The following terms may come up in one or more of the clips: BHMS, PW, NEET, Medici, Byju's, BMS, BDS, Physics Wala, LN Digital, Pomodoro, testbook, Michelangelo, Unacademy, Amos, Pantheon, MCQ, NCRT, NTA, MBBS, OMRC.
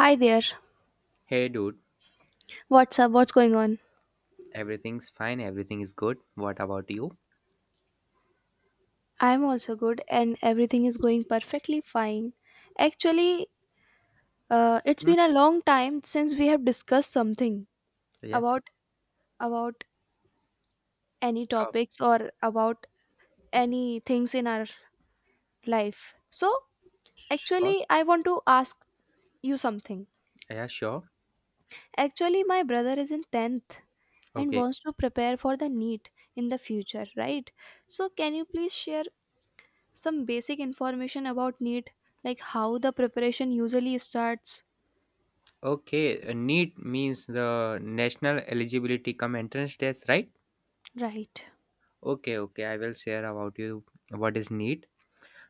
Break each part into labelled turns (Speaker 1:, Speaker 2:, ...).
Speaker 1: Hi there.
Speaker 2: Hey, dude,
Speaker 1: What's up? What's going on?
Speaker 2: everything's fine, everything is good. What about you?
Speaker 1: I'm also good and everything is going perfectly fine. Actually, it's
Speaker 2: Hmm?
Speaker 1: been a long time since we have discussed something
Speaker 2: Yes.
Speaker 1: about about any
Speaker 2: Oh,
Speaker 1: topics or about any things in our life. So,
Speaker 2: sure.
Speaker 1: actually, I want to ask you something.
Speaker 2: Yeah, sure.
Speaker 1: Actually, my brother is in 10th and
Speaker 2: Okay.
Speaker 1: wants to prepare for the NEET in the future, right? So, can you please share some basic information about NEET, like how the preparation usually starts?
Speaker 2: Okay. NEET means the National Eligibility Come Entrance Test, right?
Speaker 1: Right.
Speaker 2: Okay, okay. I will share about you what is NEET.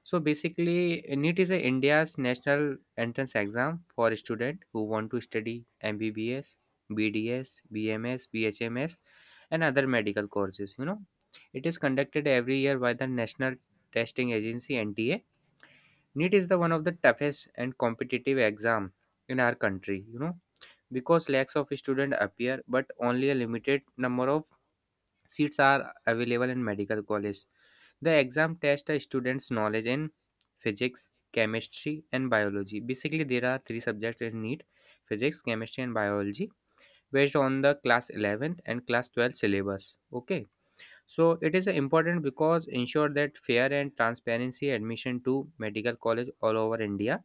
Speaker 2: So basically, NEET is a India's national entrance exam for students who want to study MBBS, BDS, BMS, BHMS, and other medical courses. You know, it is conducted every year by the National Testing Agency (NTA). NEET is the one of the toughest and competitive exam in our country. You know, because lakhs of students appear, but only a limited number of seats are available in medical college. The exam tests a student's knowledge in physics, chemistry, and biology. Basically, there are three subjects in NEET: physics, chemistry, and biology, based on the class 11th and class 12th syllabus. Okay, so it is important, because ensure that fair and transparency admission to medical college all over India.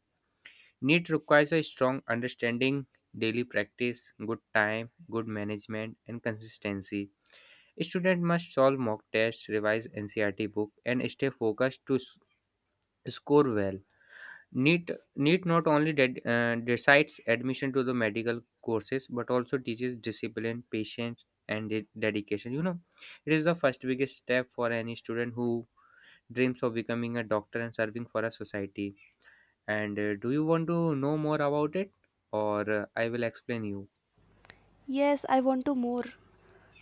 Speaker 2: NEET requires a strong understanding, daily practice, good time, good management, and consistency. Student must solve mock tests, revise NCRT book, and stay focused to score well. NEET, NEET not only decides admission to the medical courses but also teaches discipline, patience, and dedication. You know, it is the first biggest step for any student who dreams of becoming a doctor and serving for a society. And do you want to know more about it, or I will explain you?
Speaker 1: Yes, I want to more.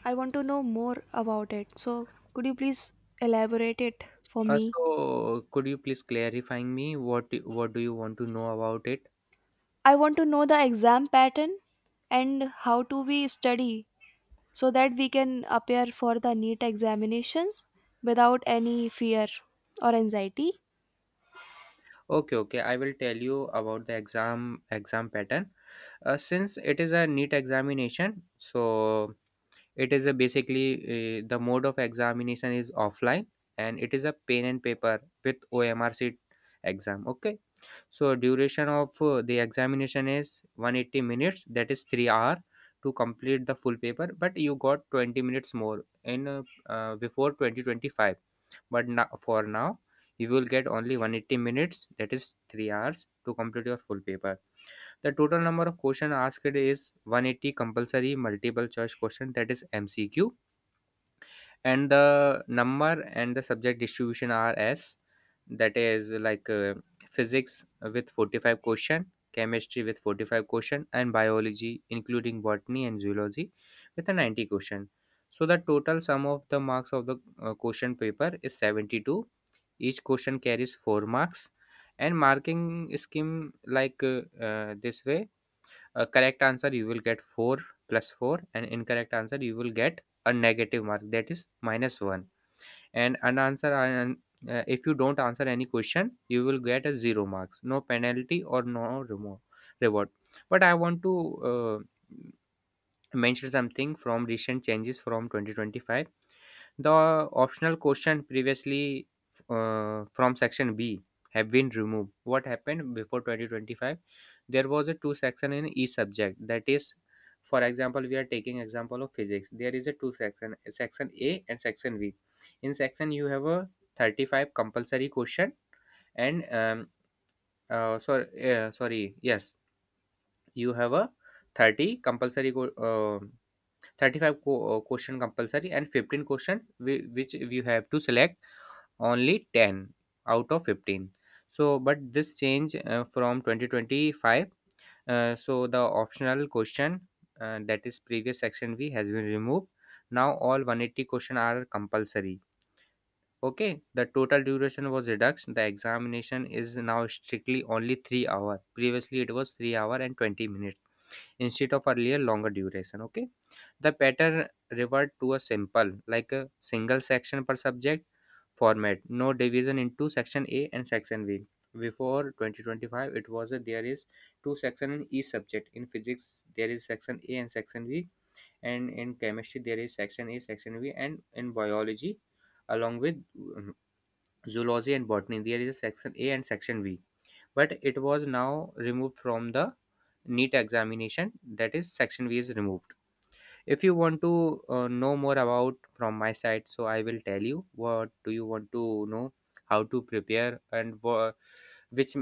Speaker 1: I want to know more about it. So, could you please elaborate it for
Speaker 2: Uh,
Speaker 1: me?
Speaker 2: so, could you please clarifying me what do you want to know about it?
Speaker 1: I want to know the exam pattern and how do we study so that we can appear for the NEET examinations without any fear or anxiety.
Speaker 2: Okay, okay, I will tell you about the exam pattern. Since it is a neat examination, so it is a basically, the mode of examination is offline, and it is a pen and paper with OMRC exam. Okay, so duration of the examination is 180 minutes, that is 3 hour to complete the full paper, but you got 20 minutes more in before 2025. But now, for now, you will get only 180 minutes, that is 3 hours to complete your full paper. The total number of questions asked is 180 compulsory multiple choice question, that is MCQ, and the number and the subject distribution are as that is like, physics with 45 question, chemistry with 45 question, and biology including botany and zoology with a 90 question. So the total sum of the marks of the question paper is 72. Each question carries 4 marks, and marking scheme like, this way: a correct answer you will get 4 plus 4, and incorrect answer you will get a negative mark, that is minus 1, and an answer an- if you don't answer any question you will get a 0 marks, no penalty or no reward. But I want to uh, mention something from recent changes from 2025: the optional question previously from section B have been removed. What happened before 2025? There was a two section in each subject. That is, for example, we are taking example of physics. There is a two section, section A and section B. In section, you have a 35 compulsory question, and um, uh, sorry, yes, you have a 30 compulsory 35 question compulsory, and 15 question which you have to select only 10 out of 15. So but this change from 2025, so the optional question, that is previous section v, has been removed. Now all 180 question are compulsory. Okay, the total duration was reduced. The examination is now strictly only 3 hour, previously it was 3 hour and 20 minutes, instead of earlier longer duration. Okay, the pattern revert to a simple like a single section per subject format, no division into section A and section B. Before 2025, there is two section in each subject. In physics there is section A and section B, and in chemistry there is section A, section B, and in biology along with, um, zoology and botany, there is a section A and section B, but it was now removed from the neat examination, that is section B is removed. If you want to know more about from my side, so I will tell you. What do you want to know, how to prepare, and which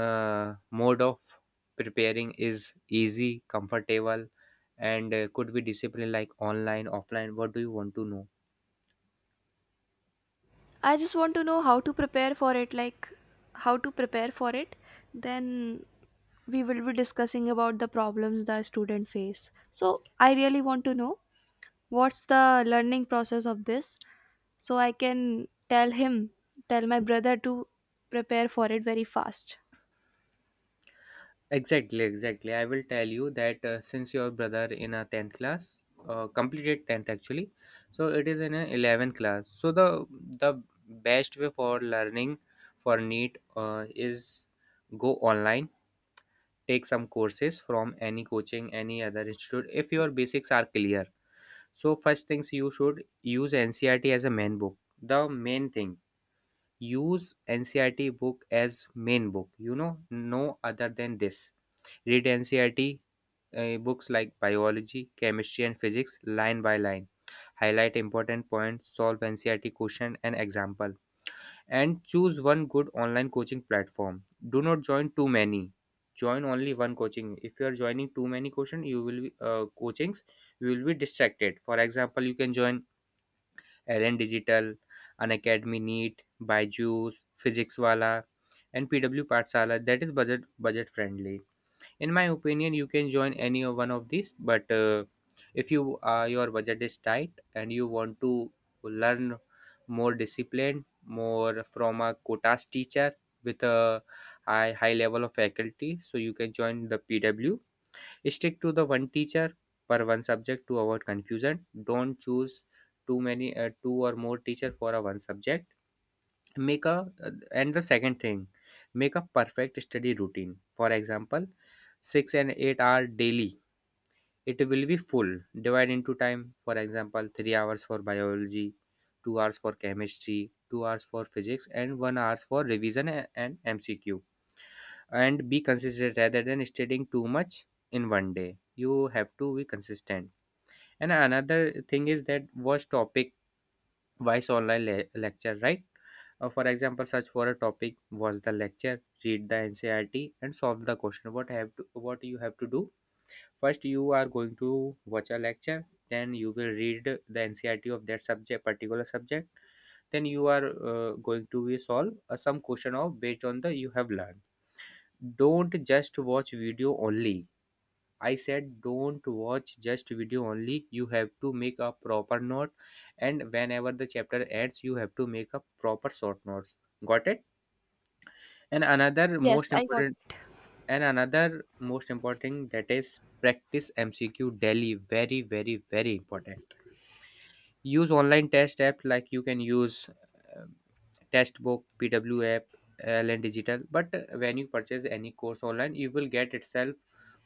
Speaker 2: mode of preparing is easy, comfortable, and could be disciplined, like online, offline? What do you want to know?
Speaker 1: I just want to know how to prepare for it, how to prepare for it. Then we will be discussing about the problems the student face. So I really want to know what's the learning process of this so I can tell him, tell my brother to prepare for it very fast.
Speaker 2: Exactly, exactly. I will tell you that, since your brother in a 10th class, completed 10th actually, so it is in a 11th class. So the best way for learning for NEET is go online, take some courses from any coaching, any other institute if your basics are clear. So first things, you should use NCRT as a main book. The main thing, use NCRT book as main book. You know, no other than this, read NCRT books like biology, chemistry, and physics line by line. Highlight important points, solve NCRT question and example, and choose one good online coaching platform. Do not join too many. Join only one coaching. If you are joining too many coaching, you will be, coachings, you will be distracted. For example, you can join LN Digital, Unacademy Neat, Byju's, Physics Wala, and PW Partsala. That is budget friendly. In my opinion, you can join any of one of these, but if you, your budget is tight and you want to learn more discipline, more from a quotas teacher with a high level of faculty, so you can join the PW. Stick to the one teacher per one subject to avoid confusion. Don't choose too many, two or more teacher for a one subject. Make a, and the second thing, make a perfect study routine. For example, 6 to 8 hour daily. It will be full divide into time. For example, 3 hours for biology, 2 hours for chemistry, 2 hours for physics, and 1 hours for revision and mcq, and be consistent rather than studying too much in one day. You have to be consistent. And another thing is that, watch topic wise online lecture, right? For example, search for a topic, watch the lecture, read the NCRT, and solve the question. What have to, what you have to do? First, you are going to watch a lecture. Then you will read the NCRT of that subject, particular subject. Then you are going to be solve some question of based on the you have learned. Don't just watch video only. I said, don't watch just video only. You have to make a proper note, and whenever the chapter ends, you have to make a proper short notes. Got it? And another
Speaker 1: Yes,
Speaker 2: most
Speaker 1: I got.
Speaker 2: important, and another most important, that is practice MCQ daily. Very, very, very important. Use online test app, like you can use, um, testbook, PW app, LN Digital. But when you purchase any course online, you will get itself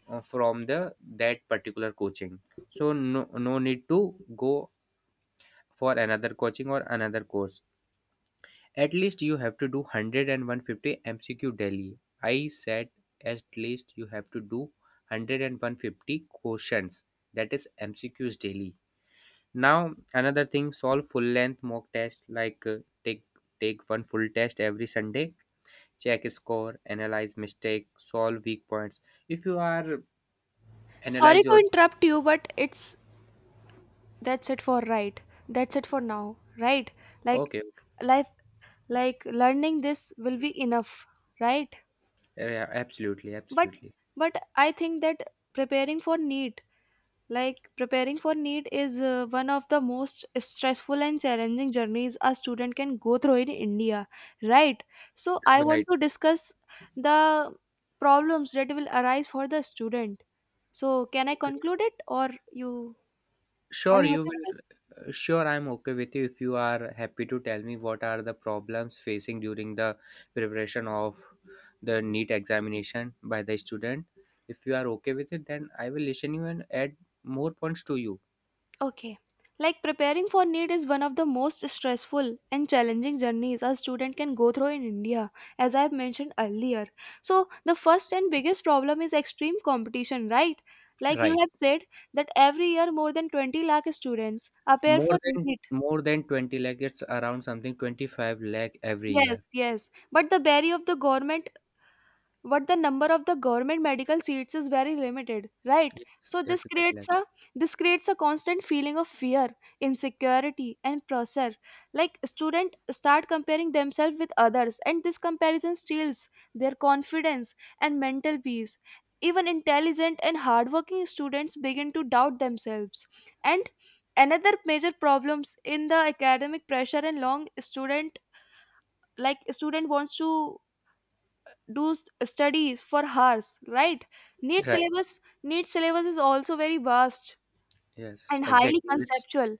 Speaker 2: from the that particular coaching. So no need to go for another coaching or another course. At least you have to do 100 and 150 MCQ daily. I said at least you have to do one hundred and one hundred fifty and quotients. That is MCQs daily. Now another thing, solve full length mock test, like, take, take one full test every Sunday, check score, analyze mistake, solve weak points. If you are
Speaker 1: Sorry
Speaker 2: analyze
Speaker 1: to
Speaker 2: your,
Speaker 1: interrupt you, but it's that's it for right. That's it for now, right? Like
Speaker 2: okay, okay.
Speaker 1: life like learning this will be enough, right?
Speaker 2: Yeah, absolutely,
Speaker 1: but
Speaker 2: absolutely.
Speaker 1: but I think that preparing for neat preparing for neat is one of the most stressful and challenging journeys a student can go through in India, right? So I want
Speaker 2: Right.
Speaker 1: to discuss the problems that will arise for the student. So can I
Speaker 2: Okay.
Speaker 1: conclude it or you are
Speaker 2: Sure,
Speaker 1: you
Speaker 2: you
Speaker 1: okay with?
Speaker 2: will, sure, I'm okay with you if you are happy to tell me what are the problems facing during the preparation of the NEET examination by the student. If you are okay with it, then I will listen you and add more points to you.
Speaker 1: Okay. Like preparing for NEET is one of the most stressful and challenging journeys a student can go through in India, as I have mentioned earlier. So, the first and biggest problem is extreme competition, right? Like you
Speaker 2: Right.
Speaker 1: have said, that every year more than 20 lakh students appear for
Speaker 2: More than
Speaker 1: NEET.
Speaker 2: more than 20 lakh, it's around something 25 lakh every year.
Speaker 1: Yes, yes. But the number of the government medical seats is very limited, right?
Speaker 2: Yes,
Speaker 1: So
Speaker 2: yes,
Speaker 1: this
Speaker 2: that
Speaker 1: creates
Speaker 2: lakh.
Speaker 1: a this creates a constant feeling of fear, insecurity, and pressure. Like students start comparing themselves with others, and this comparison steals their confidence and mental peace. Even intelligent and hardworking students begin to doubt themselves. And another major problems in the academic pressure and long student, like student wants to study for hours, right?
Speaker 2: Right.
Speaker 1: NEET syllabus is also very vast
Speaker 2: Yes,
Speaker 1: and highly
Speaker 2: exactly. It's
Speaker 1: conceptual,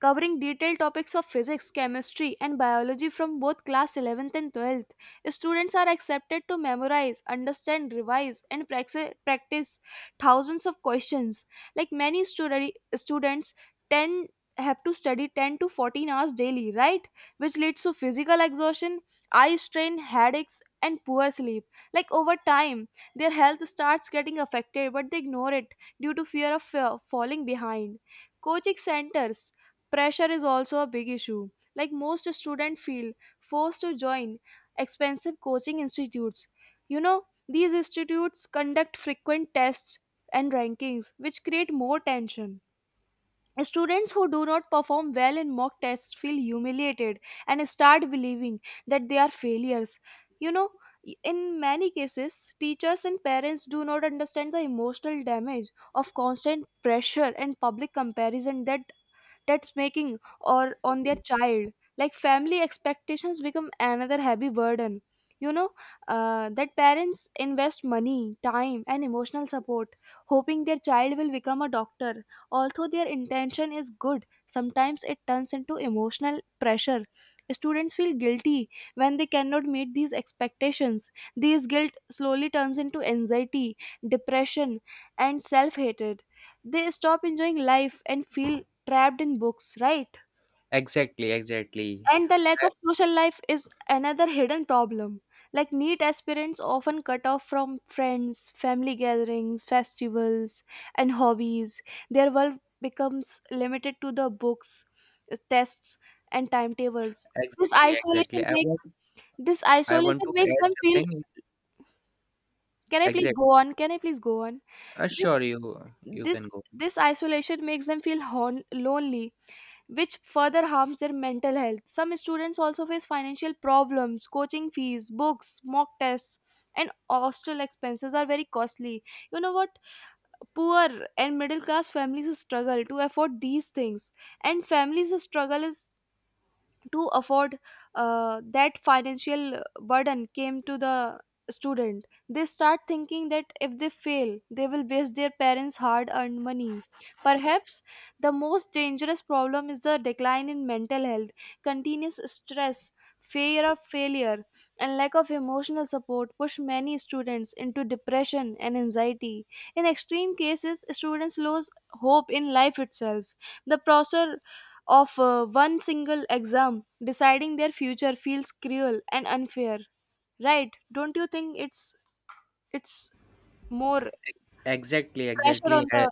Speaker 1: covering detailed topics of physics, chemistry, and biology from both class 11th and 12th. Students are accepted to memorize, understand, revise, and practice thousands of questions. Like many studi- students, 10 have to study 10 to 14 hours daily, right? Which leads to physical exhaustion, eye strain, headaches, and poor sleep. Like over time, their health starts getting affected, but they ignore it due to fear of falling behind. Coaching centers pressure is also a big issue. Like most students feel forced to join expensive coaching institutes. You know, these institutes conduct frequent tests and rankings, which create more tension. Students who do not perform well in mock tests feel humiliated and start believing that they are failures. You know, in many cases, teachers and parents do not understand the emotional damage of constant pressure and public comparison that that's making or on their child. Like family expectations become another heavy burden, you know, that parents invest money, time, and emotional support hoping their child will become a doctor. Although their intention is good, sometimes it turns into emotional pressure. Students feel guilty when they cannot meet these expectations. This guilt slowly turns into anxiety, depression, and self-hatred. They stop enjoying life and feel trapped in books, right?
Speaker 2: exactly, exactly.
Speaker 1: And the lack
Speaker 2: I-
Speaker 1: of social life is another hidden problem. Like neat aspirants often cut off from friends, family gatherings, festivals, and hobbies. Their world becomes limited to the books, tests, and timetables. This
Speaker 2: exactly,
Speaker 1: isolation
Speaker 2: exactly. I want,
Speaker 1: makes this
Speaker 2: I want
Speaker 1: isolation
Speaker 2: to
Speaker 1: makes
Speaker 2: add
Speaker 1: them feel
Speaker 2: something.
Speaker 1: can I please
Speaker 2: Exactly.
Speaker 1: go on? Can I please go on? This
Speaker 2: Sure, you
Speaker 1: this
Speaker 2: can go.
Speaker 1: this isolation makes them feel lonely, which further harms their mental health. Some students also face financial problems. Coaching fees, books, mock tests, and hostel expenses are very costly. You know what? Poor and middle class families struggle to afford these things, and families struggle is to afford that financial burden came to the student. They start thinking that if they fail, they will waste their parents' hard earned money. Perhaps the most dangerous problem is the decline in mental health. Continuous stress, fear of failure, and lack of emotional support push many students into depression and anxiety. In extreme cases, students lose hope in life itself. The process of one single exam deciding their future feels cruel and unfair, right? Don't you think it's it's more
Speaker 2: Exactly,
Speaker 1: pressure on
Speaker 2: exactly,
Speaker 1: the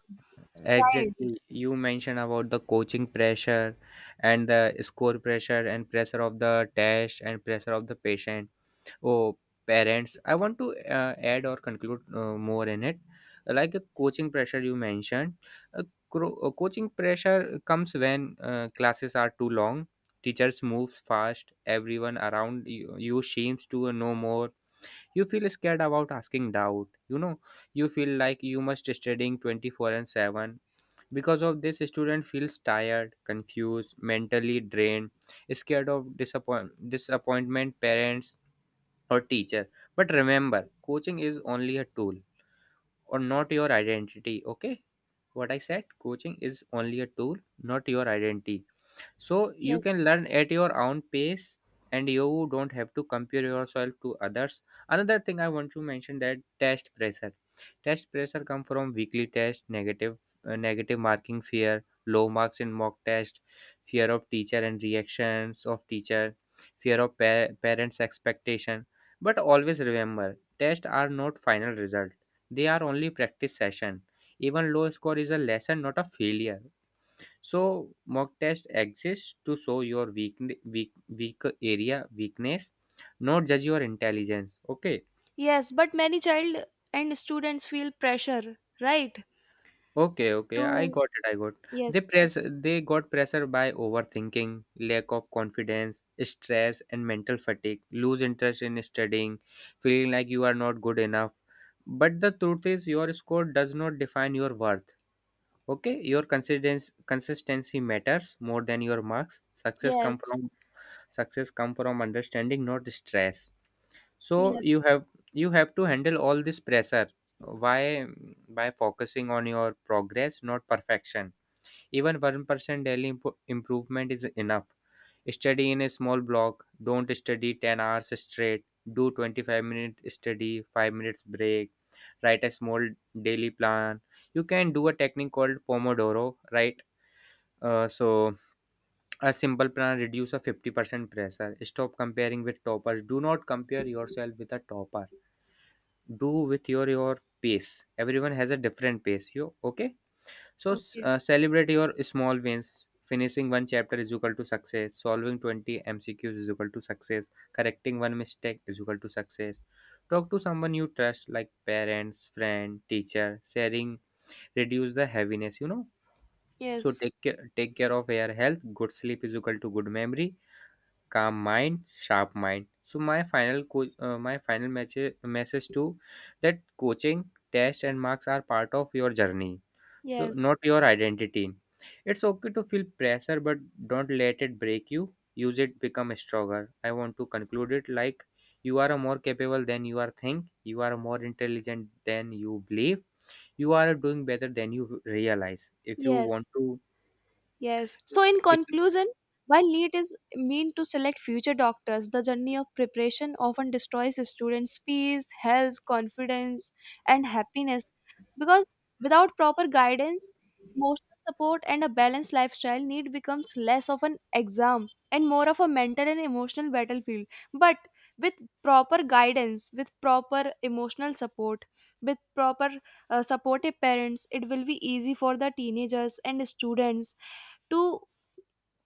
Speaker 1: child?
Speaker 2: exactly. You mentioned about the coaching pressure and the score pressure and pressure of the test and pressure of the patient. Oh, parents. I want to add or conclude more in it. Like a coaching pressure you mentioned, uh, coaching pressure comes when, classes are too long, teachers move fast, everyone around you, you seems to know more, you feel scared about asking doubt, you know, you feel like you must studying 24/7. Because of this, student feels tired, confused, mentally drained, scared of disappointment parents or teacher. But remember, coaching is only a tool or not your identity. Okay, what I said, coaching is only a tool, not your identity. So you
Speaker 1: Yes.
Speaker 2: can learn at your own pace, and you don't have to compare yourself to others. Another thing I want to mention, that test pressure, test pressure come from weekly test, negative, negative marking fear, low marks in mock test, fear of teacher and reactions of teacher, fear of parents expectation. But always remember, tests are not final result, they are only practice session. Even low score is a lesson, not a failure. So mock test exists to show your weak area weakness, not judge your intelligence. Okay,
Speaker 1: Yes, but many child and students feel pressure, right?
Speaker 2: okay, okay.
Speaker 1: To,
Speaker 2: I got it. I got.
Speaker 1: yes,
Speaker 2: They press.
Speaker 1: yes,
Speaker 2: They got pressure by overthinking, lack of confidence, stress, and mental fatigue. Lose interest in studying, feeling like you are not good enough. But the truth is, your score does not define your worth. Okay, your consistency matters more than your marks. Success comes
Speaker 1: yes,
Speaker 2: from, success come from understanding, not stress. So you
Speaker 1: yes,
Speaker 2: have you have to handle all this pressure. Why? By focusing on your progress, not perfection. Even 1% daily improvement is enough. Study in a small block. Don't study 10 hours straight. Do 25 minute study, 5 minutes break. Write a small daily plan. You can do a technique called Pomodoro, right? So, a simple plan reduce a 50% pressure. Stop comparing with toppers. Do not compare yourself with a topper. Do with your pace. Everyone has a different pace. You okay? So
Speaker 1: okay,
Speaker 2: celebrate your small wins. Finishing one chapter is equal to success. Solving 20 MCQs is equal to success. Correcting one mistake is equal to success. Talk to someone you trust, like parents, friend, teacher. Sharing reduce the heaviness, you know. So
Speaker 1: yes,
Speaker 2: take care of your health. Good sleep is equal to good memory, calm mind, sharp mind. So my final my final message to that, coaching, test, and marks are part of your journey, so
Speaker 1: yes,
Speaker 2: not your identity. It's okay to feel pressure, but don't let it break you. Use it become stronger. I want to conclude it like, you are more capable than you are think. You are more intelligent than you believe. You are doing better than you realize. If you
Speaker 1: yes.
Speaker 2: want to,
Speaker 1: Yes. So, in
Speaker 2: if
Speaker 1: conclusion, while NEET is meant to select future doctors, the journey of preparation often destroys students' peace, health, confidence, and happiness, because without proper guidance, emotional support, and a balanced lifestyle, NEET becomes less of an exam and more of a mental and emotional battlefield. But with with proper emotional support, with proper supportive parents, it will be easy for the teenagers and students to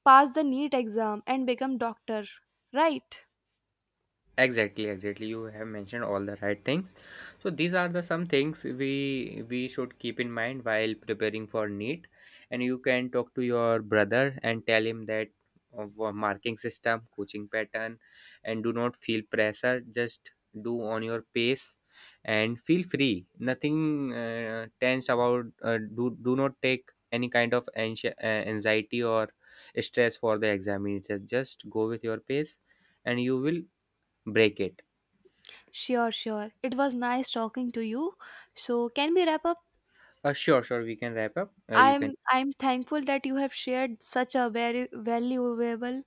Speaker 1: pass the NEET exam and become doctor, right?
Speaker 2: exactly, exactly, you have mentioned all the right things. So these are the some things we should keep in mind while preparing for NEET. And you can talk to your brother and tell him that of marking system, coaching pattern, and do not feel pressure, just do on your pace and feel free, nothing tense about, do not take any kind of anxiety or stress for the examination. Just go with your pace and you will break it.
Speaker 1: Sure, sure, it was nice talking to you. So can we wrap up?
Speaker 2: Sure, sure. We can wrap up. You can.
Speaker 1: i'm I'm thankful that you have shared such a very valuable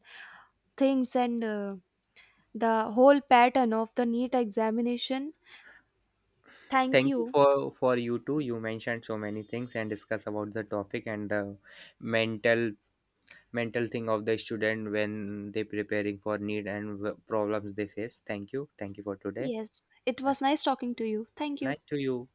Speaker 1: things, and the whole pattern of the NEET examination. Thank
Speaker 2: Thank you
Speaker 1: you.
Speaker 2: for you too. You mentioned so many things and discuss about the topic and the mental mental thing of the student when they preparing for need and problems they face. Thank you. Thank you for today.
Speaker 1: Yes, it
Speaker 2: Uh,
Speaker 1: was nice talking to you. Thank you.
Speaker 2: Nice to you.